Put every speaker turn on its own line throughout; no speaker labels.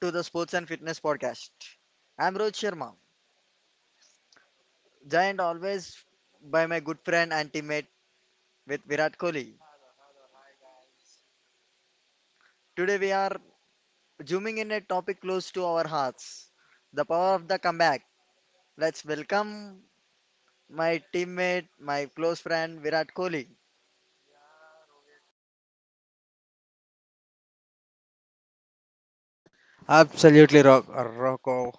to the Sports and Fitness Podcast. I'm Rohit Sharma, joined always by my good friend and teammate with Virat Kohli. Today, we are zooming in a topic close to our hearts, the power of the comeback. Let's welcome my teammate, my close friend Virat Kohli.
Absolutely, Ro- uh, Rocco,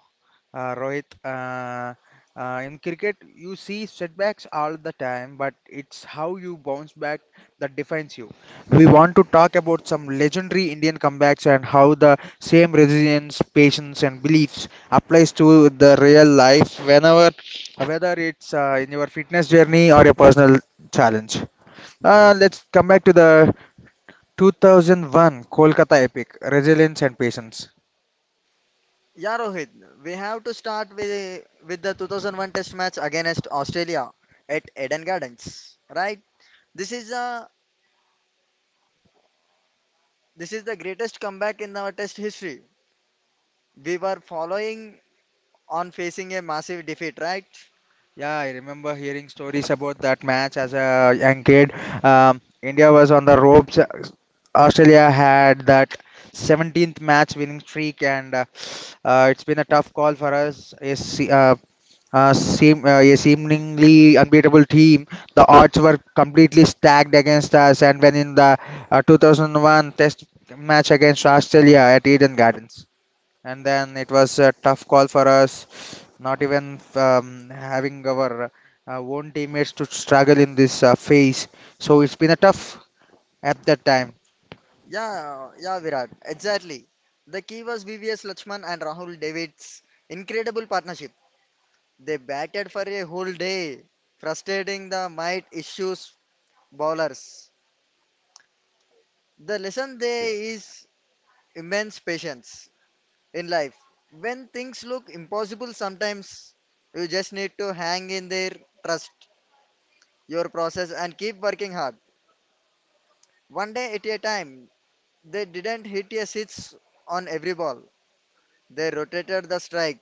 uh, Rohit. In cricket, you see setbacks all the time, but it's how you bounce back that defines you. We want to talk about some legendary Indian comebacks and how the same resilience, patience, and beliefs applies to the real life, whether it's in your fitness journey or your personal challenge. Let's come back to the 2001 Kolkata epic, resilience and patience.
Yeah, Rohit, we have to start with the 2001 Test match against Australia at Eden Gardens, right? This is a this is the greatest comeback in our Test history. We were following on, facing a massive defeat, right?
Yeah, I remember hearing stories about that match as a young kid. India was on the ropes. Australia had that 17th match winning streak, and it's been a tough call for us. A seemingly unbeatable team. The odds were completely stacked against us, and when in the 2001 Test match against Australia at Eden Gardens and then it was a tough call for us. Not even having our own teammates to struggle in this phase, so it's been a tough at that time.
Yeah, yeah, Virat, exactly. The key was VVS Lakshman and Rahul David's incredible partnership. They batted for a whole day, frustrating the might issues bowlers. The lesson there is immense patience in life. When things look impossible, sometimes you just need to hang in there, trust your process, and keep working hard. One day at a time. They didn't hit a six on every ball. They rotated the strike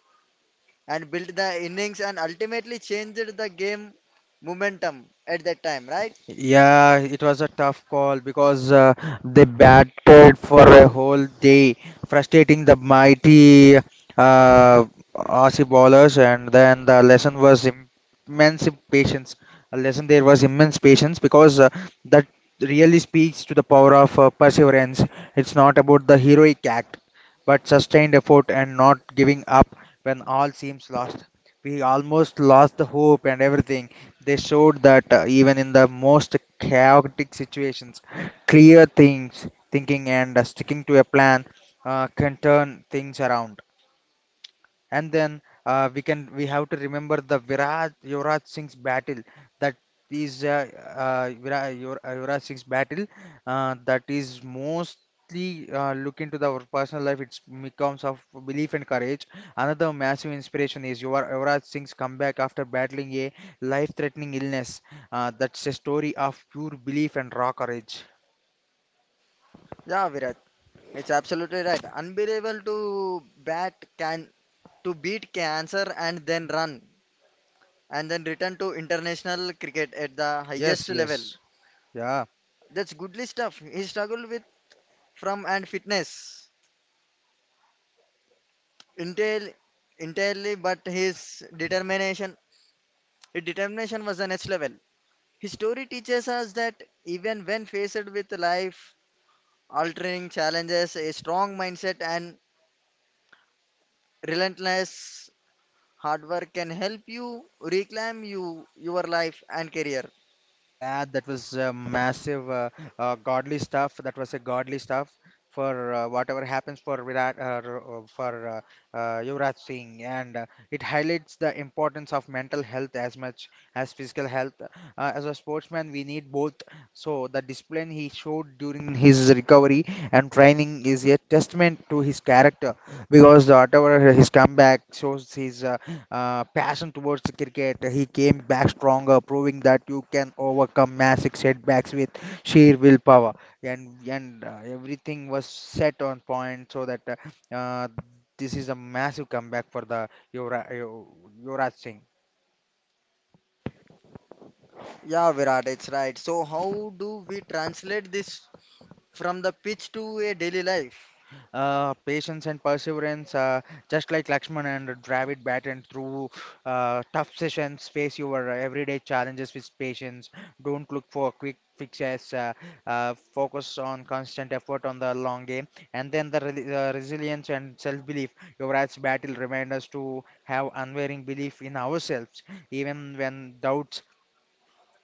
and built the innings and ultimately changed the game momentum at that time, right?
Yeah, it was a tough call because they batted for a whole day, frustrating the mighty uh, Aussie bowlers. And then the lesson was immense patience. A lesson there was immense patience because that really speaks to the power of perseverance. It's not about the heroic act, but sustained effort and not giving up when all seems lost. We almost lost the hope and everything. They showed that even in the most chaotic situations, clear things, thinking and sticking to a plan can turn things around. And then we have to remember the Viraj Yuvraj Singh's battle that is Yuvraj Singh's battle that is mostly look into our personal life. It's becomes of belief and courage. Another massive inspiration is Yuvraj Singh's comeback after battling a life-threatening illness. That's a story of pure belief and raw courage.
Yeah, Virat. It's absolutely right. Unbelievable to bat can to beat cancer and then return to international cricket at the highest
Yes,
level.
yes, yeah.
That's goodly stuff. He struggled with from and fitness entirely, entirely, but his determination was the next level. History teaches us that even when faced with life altering challenges, a strong mindset and relentless hard work can help you reclaim your life and career.
Yeah, that was a massive godly stuff. That was a godly stuff for whatever happens for Yuvraj Singh, and it highlights the importance of mental health as much as physical health. As a sportsman, we need both. So the discipline he showed during his recovery and training is a testament to his character, because whatever his comeback shows his passion towards cricket. He came back stronger, proving that you can overcome massive setbacks with sheer willpower. And everything was set on point so that uh, this is a massive comeback for the Yuvraj Singh.
Yeah, Virat, it's right. So how do we translate this from the pitch to a daily life?
Patience and perseverance, just like Lakshman and Dravid battled through tough sessions, face your everyday challenges with patience. Don't look for quick fixes. Focus on constant effort on the long game, and then the resilience and self-belief. Your Yuvraj's battle remind us to have unwavering belief in ourselves, even when doubts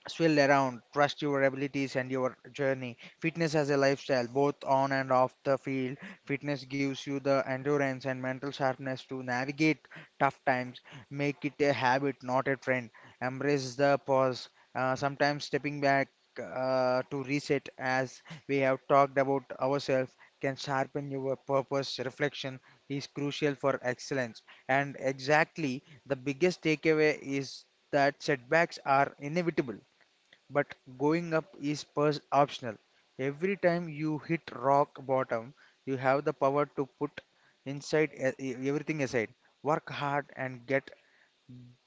swirled around. Trust your abilities and your journey. Fitness as a lifestyle, both on and off the field. Fitness gives you the endurance and mental sharpness to navigate tough times. Make it a habit, not a trend. Embrace the pause. Sometimes stepping back to reset, as we have talked about ourselves, can sharpen your purpose. Reflection is crucial for excellence. And exactly the biggest takeaway is that setbacks are inevitable, but going up is optional. Every time you hit rock bottom, you have the power to put inside everything aside, work hard and get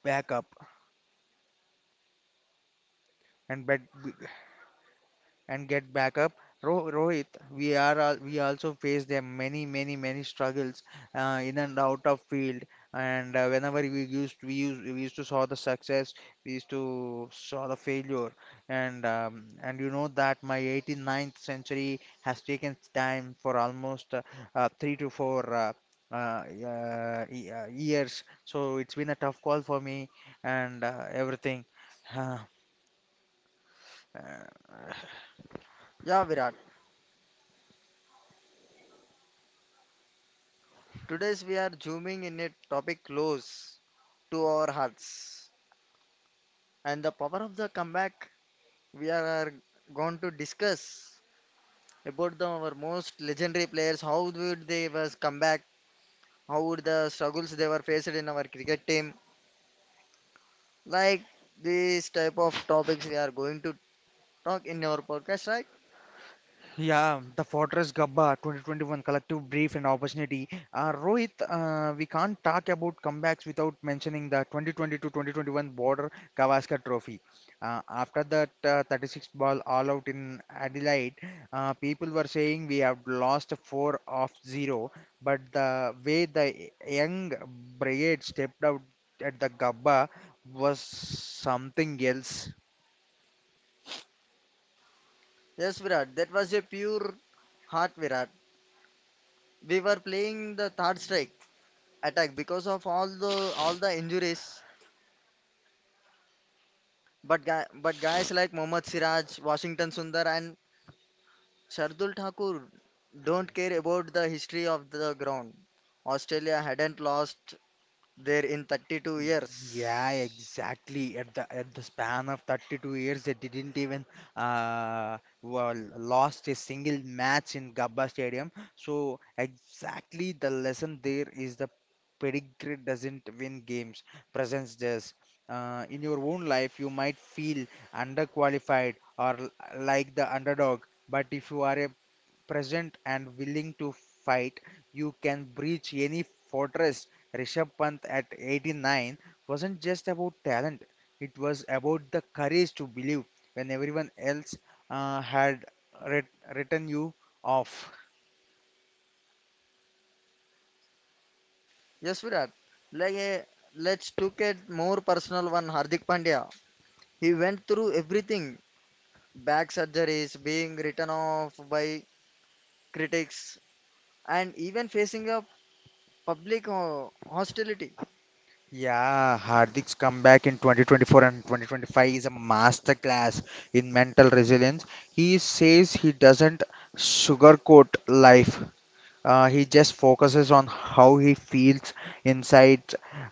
back up. And but and get back up. Ro Rohit, we also face them many, many, many struggles in and out of field. And whenever we used to saw the success, we used to saw the failure. And you know that my 89th century has taken time for almost three to four years, so it's been a tough call for me and everything. Uh,
Yeah, Virat. Today's we are zooming in a topic close to our hearts and the power of the comeback. We are going to discuss about the, our most legendary players, how would they was come back, how would the struggles they were faced in our cricket team. Like these type of topics we are going to talk in our podcast, right?
Yeah, the Fortress Gabba 2021 collective brief and opportunity. Rohit, we can't talk about comebacks without mentioning the 2020-2021 to 2021 Border Gavaskar Trophy. After that 36 ball all out in Adelaide, people were saying we have lost 4 of 0, but the way the young brigade stepped out at the Gabba was something else.
Yes, Virat, that was a pure heart, Virat. We were playing the third strike attack because of all the injuries. But guys like Mohammad Siraj, Washington Sundar, and Shardul Thakur don't care about the history of the ground. Australia hadn't lost there in 32 years.
Yeah, exactly. At the span of 32 years, they didn't even well, lost a single match in Gabba Stadium. So exactly the lesson there is the pedigree doesn't win games, presence does. In your own life, you might feel underqualified or like the underdog, but if you are present and willing to fight, you can breach any fortress. Rishabh Pant at 89 wasn't just about talent, it was about the courage to believe when everyone else had written you off.
Yes, Virat. Like, let's look at more personal one. Hardik Pandya. He went through everything: back surgeries, being written off by critics, and even facing a public hostility.
Yeah, Hardik's comeback in 2024 and 2025 is a masterclass in mental resilience. He says he doesn't sugarcoat life. He just focuses on how he feels inside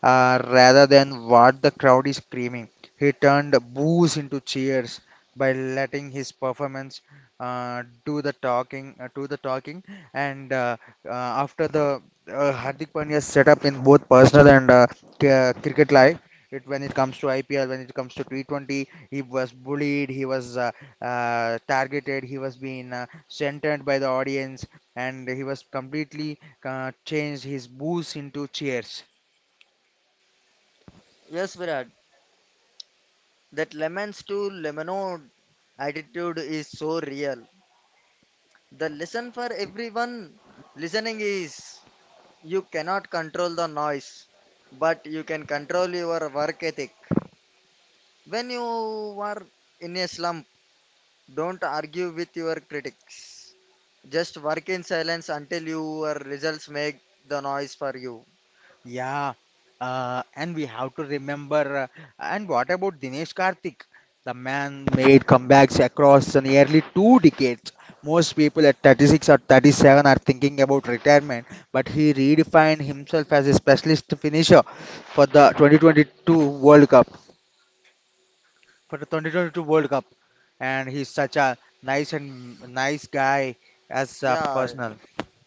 rather than what the crowd is screaming. He turned boos into cheers by letting his performance do the talking, and after the Hardik Pandya's setup in both personal and cricket life. It, when it comes to IPL, when it comes to T20, he was bullied, he was targeted, he was being centered by the audience, and he was completely changed his booze into cheers.
Yes, Virat. That lemons to lemonade attitude is so real. The lesson for everyone listening is: you cannot control the noise, but you can control your work ethic. When you are in a slump, don't argue with your critics. Just work in silence until your results make the noise for you.
Yeah, and we have to remember. And what about Dinesh Karthik? The man made comebacks across nearly two decades. Most people at 36 or 37 are thinking about retirement, but he redefined himself as a specialist finisher for the 2022 World Cup. For the 2022 World Cup, and he's such a nice and nice guy as a
Yeah,
personal.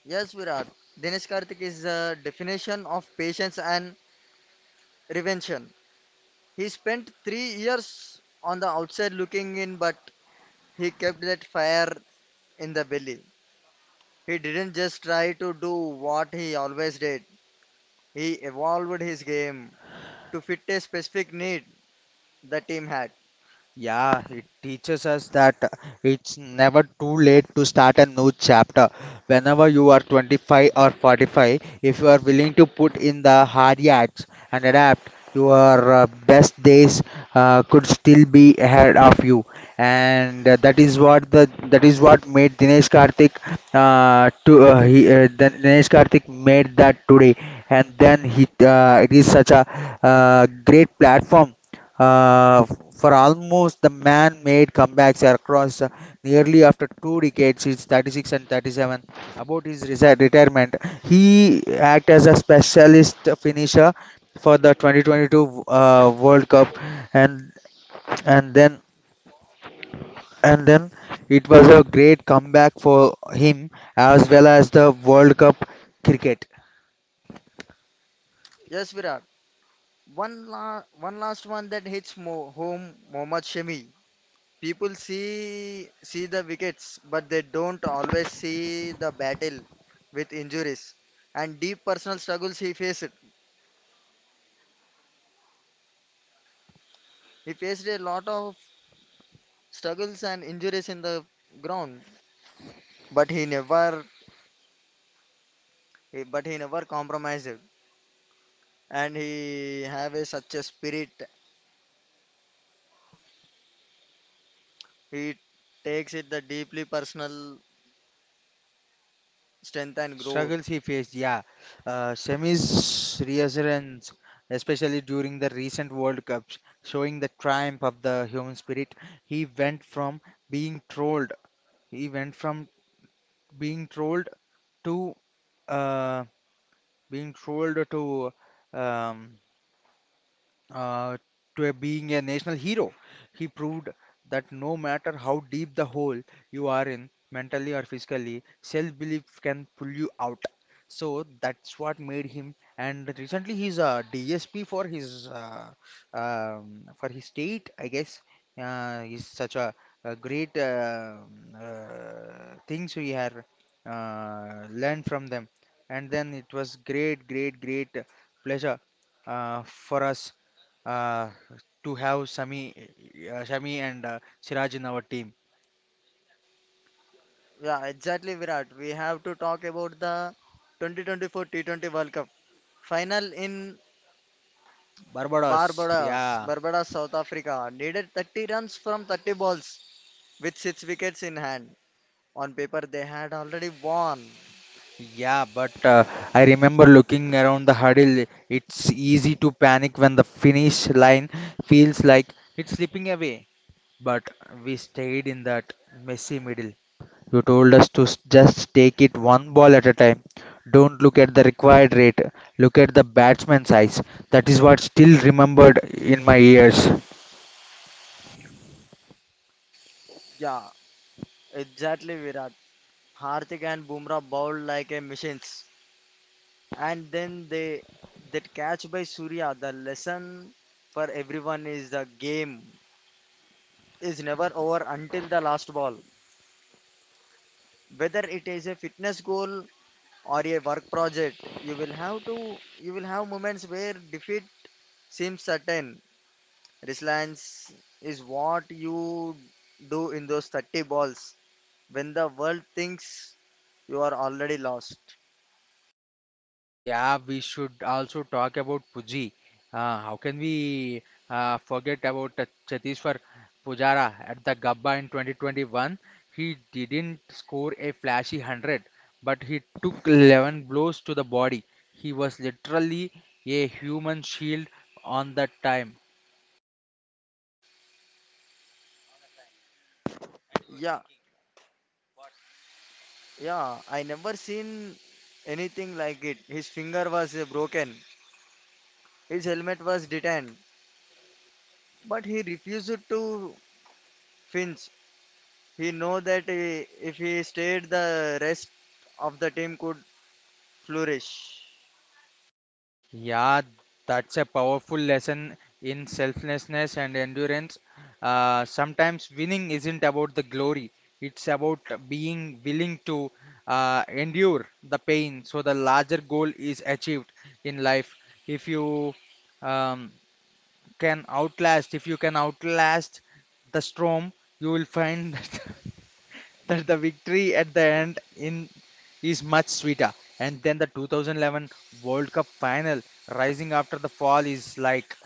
yes, Virat. Dinesh Karthik is the definition of patience and reinvention. He spent three years on the outside looking in, but he kept that fire in the belly. He didn't just try to do what he always did, he evolved his game to fit a specific need the team had.
Yeah, it teaches us that it's never too late to start a new chapter. Whenever you are 25 or 45, if you are willing to put in the hard yards and adapt, your best days could still be ahead of you. And that is what the that is what made Dinesh Karthik to he, Dinesh Karthik made that today. And then he it is such a great platform uh, for almost the man-made comebacks across nearly after two decades, he's 36 and 37. About his retirement, he act as a specialist finisher for the 2022 World Cup, and and then and then it was a great comeback for him as well as the World Cup cricket.
Yes, Virat. One last one that hits mo home, Mohammad Shami. People see the wickets, but they don't always see the battle with injuries and deep personal struggles he faced. He faced a lot of struggles and injuries in the ground, but he never compromised. And he have a, such a spirit. He takes it the deeply personal strength and growth.
Struggles he faced, yeah. Semi's reassurance, especially during the recent World Cups, showing the triumph of the human spirit. He went from being trolled, he went from being trolled to uh, being trolled to um, uh, to a being a national hero. He proved that no matter how deep the hole you are in, mentally or physically, self belief can pull you out. So that's what made him. And recently, he's a DSP for his state, I guess. He's such a great things we have learned from them. And then it was great, great, great pleasure for us uh, to have Shami and Siraj in our team.
Yeah, exactly, Virat. We have to talk about the 2024 T20 World Cup final in
Barbados,
Barbados.
yeah,
South Africa needed 30 runs from 30 balls with 6 wickets in hand. On paper, they had already won.
yeah. But I remember looking around the huddle. It's easy to panic when the finish line feels like it's slipping away. But we stayed in that messy middle. You told us to just take it one ball at a time. Don't look at the required rate. Look at the batsman's eyes. That is what still remembered in my ears.
Yeah, exactly, Virat. Hardik and Bumrah bowled like a machines. And then they that catch by Surya, the lesson for everyone is the game is never over until the last ball. Whether it is a fitness goal or a work project, you will have moments where defeat seems certain. Resilience is what you do in those 30 balls when the world thinks you are already lost.
Yeah, we should also talk about Puji. How can we forget about Chetishwar Pujara at the Gabba in 2021? He didn't score a flashy 100, but he took 11 blows to the body. He was literally a human shield on that time.
Yeah, yeah, I never seen anything like it. His finger was broken, his helmet was detained, but he refused to flinch. He know that if he stayed, the rest of the team could flourish.
Yeah, that's a powerful lesson in selflessness and endurance. Sometimes winning isn't about the glory, it's about being willing to endure the pain so the larger goal is achieved in life. If you um, if you can outlast the storm, you will find that the victory at the end in is much sweeter. And then the 2011 World Cup final, rising after the fall, is like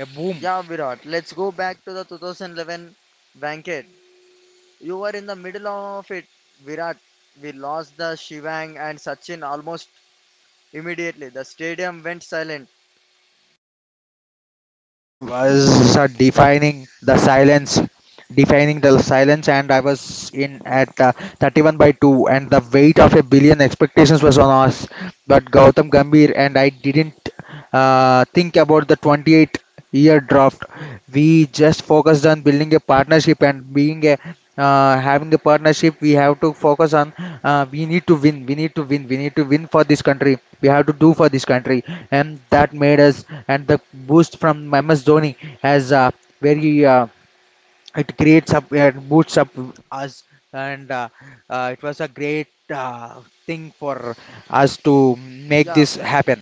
a boom.
Yeah, Virat, let's go back to the 2011 banquet. You were in the middle of it, Virat. We lost the Shivang and Sachin almost immediately. The stadium went silent.
It was defining the silence, and I was in at 31 by 2, and the weight of a billion expectations was on us. But Gautam Gambhir and I didn't think about the 28-year year draft. We just focused on building a partnership and being a having a partnership. We have to focus on we need to win, we need to win, we need to win for this country. We have to do for this country, and that made us. And the boost from ms dhoni has very it creates up and boosts up us. And it was a great thing for us to make
Yeah,
this happen.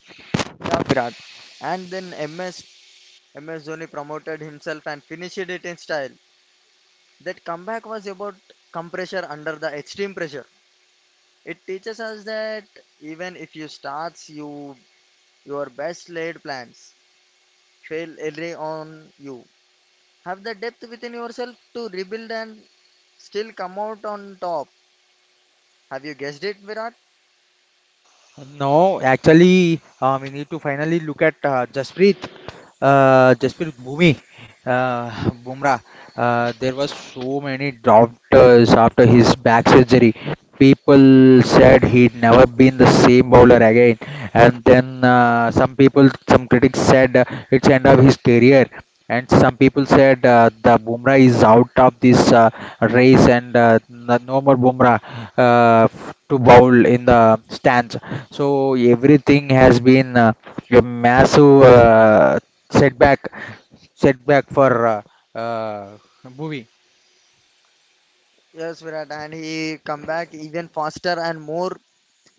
yeah, Virat. And then M S. M S. Dhoni promoted himself and finished it in style. That comeback was about compressure under the extreme pressure. It teaches us that even if you starts you your best laid plans fail early on, you have the depth within yourself to rebuild and still come out on top. Have you guessed it, Virat?
No, actually, we need to finally look at Jasprit uh, Bumrah. There was so many doubters after his back surgery. People said he'd never been the same bowler again, and then some people, some critics said it's end of his career, and some people said the Bumrah is out of this race, and no no more Bumrah to bowl in the stands. So everything has been a massive setback, setback for uh, movie.
Yes, Virat, and he come back even faster and more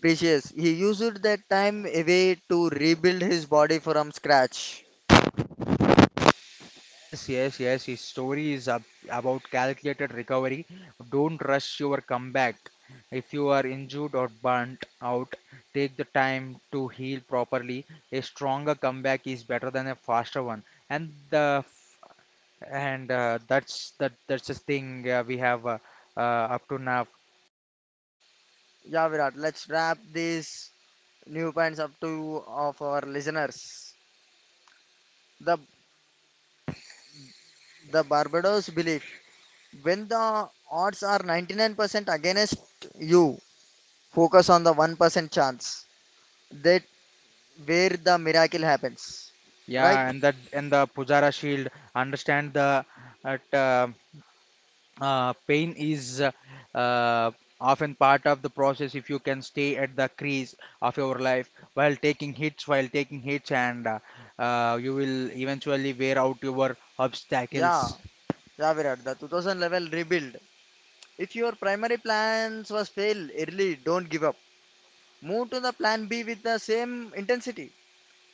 precious. He used that time away to rebuild his body from scratch.
Yes, yes, yes. His story is ab about calculated recovery. Don't rush your comeback. If you are injured or burnt out, take the time to heal properly. A stronger comeback is better than a faster one. And the and that's the thing we have up to now.
Yeah, Virat, let's wrap these new points up to of our listeners. The the Barbados belief: when the odds are 99% against you, focus on the 1% chance. They where the miracle happens. Right?
Yeah, and that and the Pujara shield understand the that, pain is uh, often part of the process. If you can stay at the crease of your life while taking hits, and you will eventually wear out your
Yeah,
obstacles.
yeah, Virat. The 2000 level rebuild. If your primary plans was fail early, don't give up. Move to the plan B with the same intensity.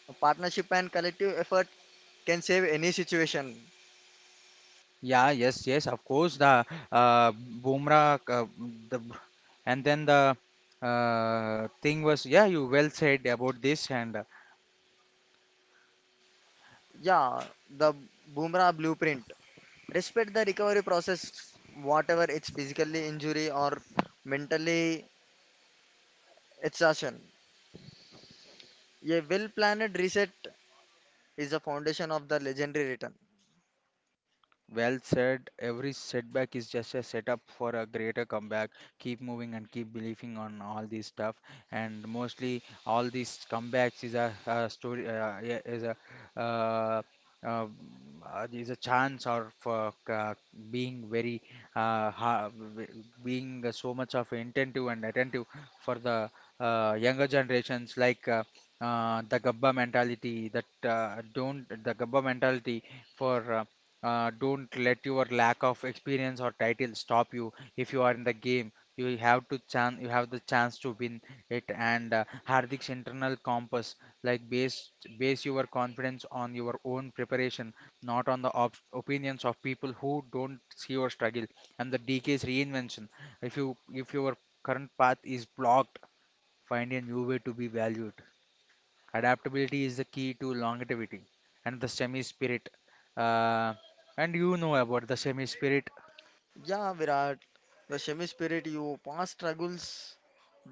A partnership and collective effort can save any situation.
Yeah, yes, yes, of course. The Bumrah, the and then the thing was, yeah, you well said about this, and
Yeah, the Bumrah blueprint. Respect the recovery process, whatever it's physically injury or mentally exhaustion. A well planned reset is the foundation of the legendary return.
well said. Every setback is just a setup for a greater comeback. Keep moving and keep believing on all this stuff. And mostly, all these comebacks is a story, yeah, uh, uh, is a chance or for being very uh, ha- w- being so much of attentive and attentive for the younger generations like. The Gabba mentality that don't the Gabba mentality for don't let your lack of experience or title stop you. If you are in the game, you have to chance. You have the chance to win it. And Hardik's internal compass, like base your confidence on your own preparation, not on the opinions of people who don't see your struggle. And the DK's reinvention. If your current path is blocked, find a new way to be valued. Adaptability is the key to longevity and the semi spirit. Uh, and you know about the semi spirit.
Yeah, Virat, the Shami spirit, your past struggles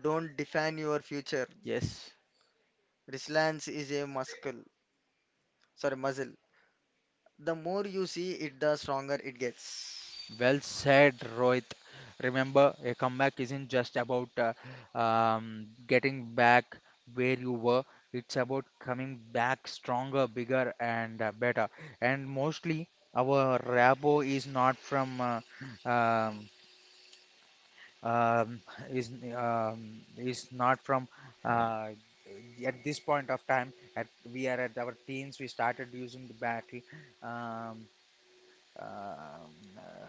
don't define your future.
Yes.
Resilience is a muscle, sorry, muscle. The more you see it, the stronger it gets.
Well said, Rohit. Remember, a comeback isn't just about getting back where you were. It's about coming back stronger, bigger, and better. And mostly, our rabo um, is is not from uh, at this point of time at. We are at our teens, we started using the battle um, um, uh,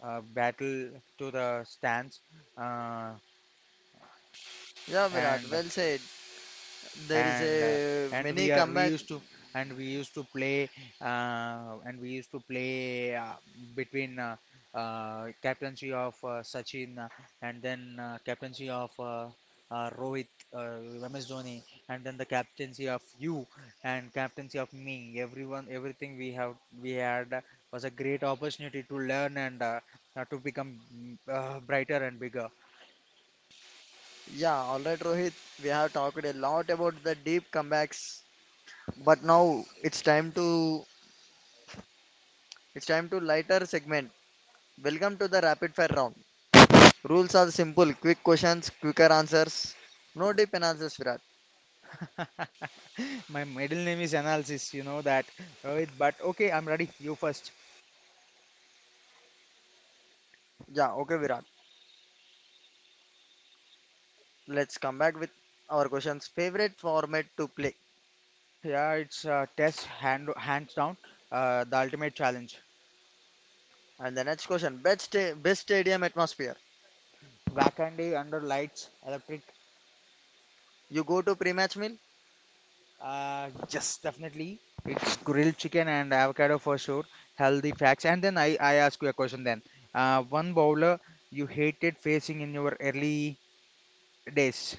battle to the stands uh,
Yeah, Virat,
and
well said. There is
and uh,
a
and we
many
are we
comeback.
used to, and we used to play and we used to play between captaincy of Sachin, and then captaincy of Rohit, MS Dhoni, and then the captaincy of you and captaincy of me. Everyone, everything we have we had was a great opportunity to learn, and to become brighter and bigger.
Yeah, all right, Rohit, we have talked a lot about the deep comebacks, but now it's time to lighter segment. Welcome to the rapid fire round. Rules are simple, quick questions, quicker answers. No deep analysis, Virat.
My middle name is Analysis, you know that, Rohit. But okay, I'm ready. You first.
Yeah, okay, Virat. Let's come back with our questions. Favorite format to play.
Yeah, it's test hand hands down. The ultimate challenge.
And the next question, best stadium atmosphere.
Wakandi under lights, electric.
You go to pre-match meal.
Yes, definitely. It's grilled chicken and avocado for sure. Healthy facts. And then I ask you a question then. One bowler you hated facing in your early days.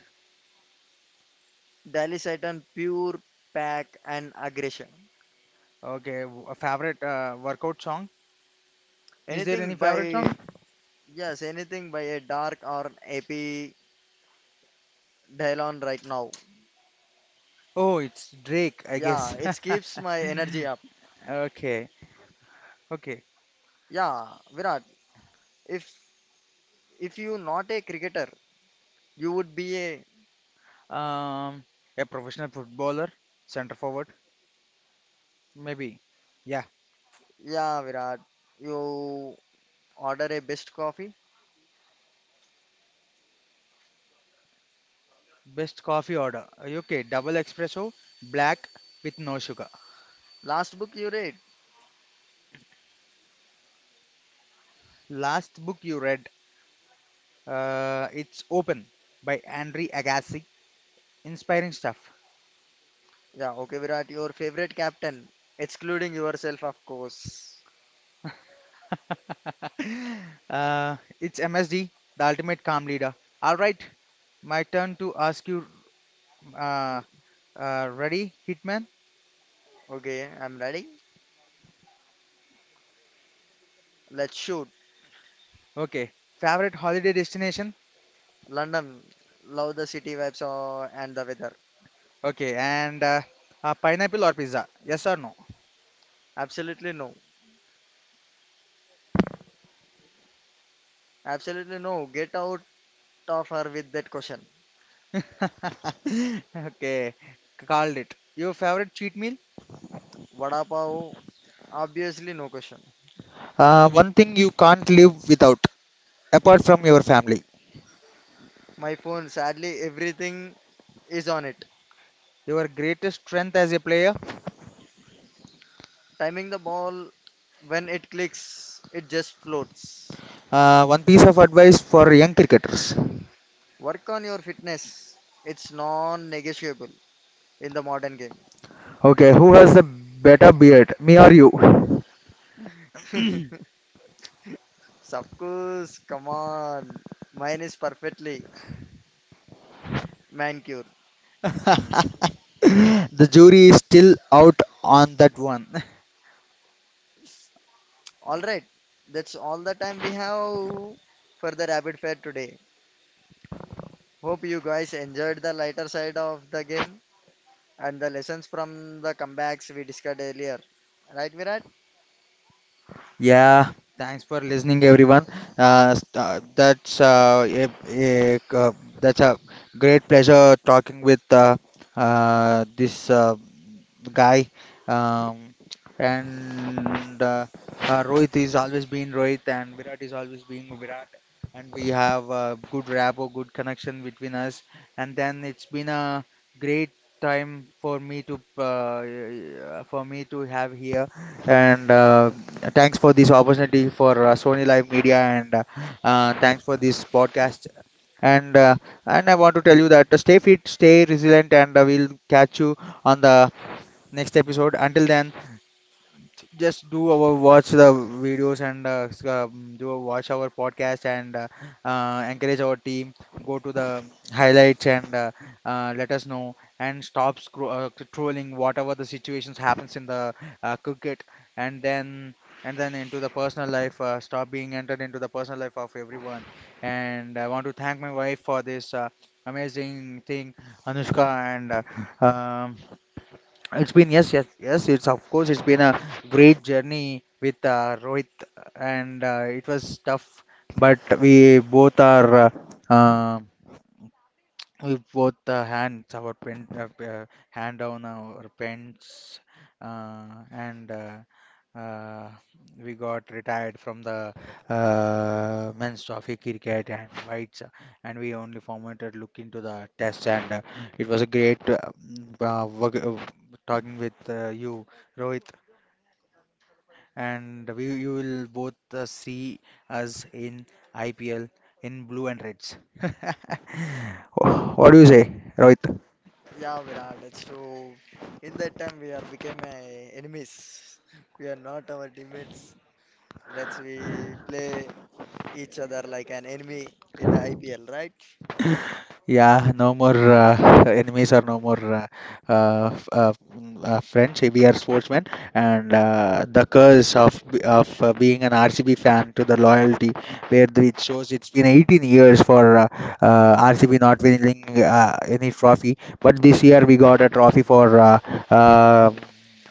Delhi Titan pure pack and aggression.
Okay, a favorite workout song. Is there any
Anything
favorite song?
by yes, anything by a dark or AP Dylon right now.
Oh, it's Drake, I
Yeah,
guess.
it keeps my energy up.
Okay, okay.
Yeah, Virat. If if you not a cricketer, you would be a
Um, a professional footballer, center forward, maybe. Yeah,
yeah, Virat. You order a best coffee.
best coffee order. Okay, double espresso, black with no sugar.
Last book you read.
Last book you read, it's Open by Andre Agassi. Inspiring stuff.
Yeah, okay, Virat, your favorite captain, excluding yourself, of course.
It's MSD, the ultimate calm leader. All right, my turn to ask you. Uh, Ready, Hitman?
Okay, I'm ready. Let's shoot.
Okay. Favorite holiday destination?
London, love the city vibes and the weather.
Okay. And pineapple or pizza? Yes or no?
Absolutely no. Absolutely no. Get out of her with that question.
Okay. Called it. Your favorite cheat meal?
Vada pav, obviously no question.
One thing you can't live without, apart from your family.
My phone, sadly, everything is on it.
Your greatest strength as a player?
Timing the ball, when it clicks, it just floats.
One piece of advice for young cricketers.
Work on your fitness. It's non-negotiable in the modern
Okay. Who has the better beard? Me or you?
game. Of course, come on. Mine is perfectly manicured.
The jury is still out on that one.
All right, that's all the time we have for the rapid fire today. Hope you guys enjoyed the lighter side of the game and the lessons from the comebacks we discussed earlier. Right, Virat?
Yeah, thanks for listening, everyone. That's that's a great pleasure talking with this guy. Um, and Rohit is always been Rohit, and Virat is always being Virat. And we have a good rapport, good connection between us. And then it's been a great time for me to have here, and thanks for this opportunity for Sony Live Media, and thanks for this podcast, and uh, and I want to tell you that stay fit, stay resilient, and we'll catch you on the next episode. Until then, just do our watch the videos, and do a watch our podcast, and encourage our team, go to the highlights, and let us know, and stop trolling whatever the situations happens in the cricket, and then and then into the personal life. Stop being entered into the personal life of everyone. And I want to thank my wife for this amazing thing, Anushka. And uh, um, it's been yes, yes, yes. It's of course it's been a great journey with Rohit, and it was tough, but we both are uh, we both hands our pen hand down our pens, and uh, we got retired from the men's trophy cricket and whites, and we only formatted look into the test. And it was a great work, talking with you, Rohit. And we you will both see us in IPL in blue and reds. What do you say, Rohit?
Yeah, Virat, it's true. In that time, we are became enemies. We are not our teammates. That's we play each other like an enemy in the IPL, right?
Yeah, no more enemies, or no more uh, f- uh, friends. We are sportsmen, and the curse of being an RCB fan to the loyalty, where it shows it's been 18 years for RCB not winning any trophy, but this year we got a trophy for um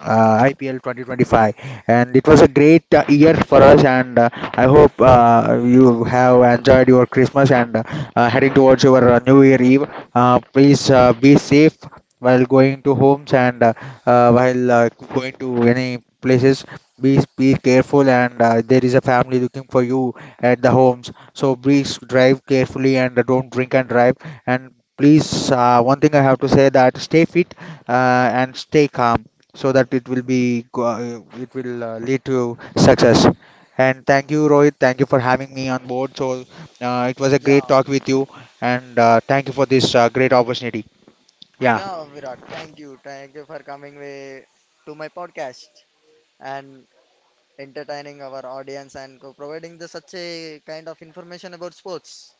IPL 2025, and it was a great year for us. And I hope you have enjoyed your Christmas, and. Heading towards your New Year Eve. Please be safe while going to homes, and while going to any places. Be careful, and there is a family looking for you at the homes. So please drive carefully, and don't drink and drive. And please, one thing I have to say that stay fit and stay calm, so that it will be it will lead to success. And thank you, Rohit. Thank you for having me on board. So it was a
Yeah,
great talk with you, and thank you for this great opportunity. Yeah.
yeah, Virat, thank you. Thank you for coming with, to my podcast and entertaining our audience and providing the such a kind of information about sports.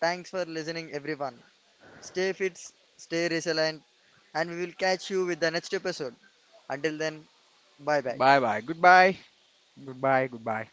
Thanks for listening, everyone. Stay fit, stay resilient, and we will catch you with the next episode. Until then, bye bye.
Bye bye. Goodbye. Goodbye. Goodbye.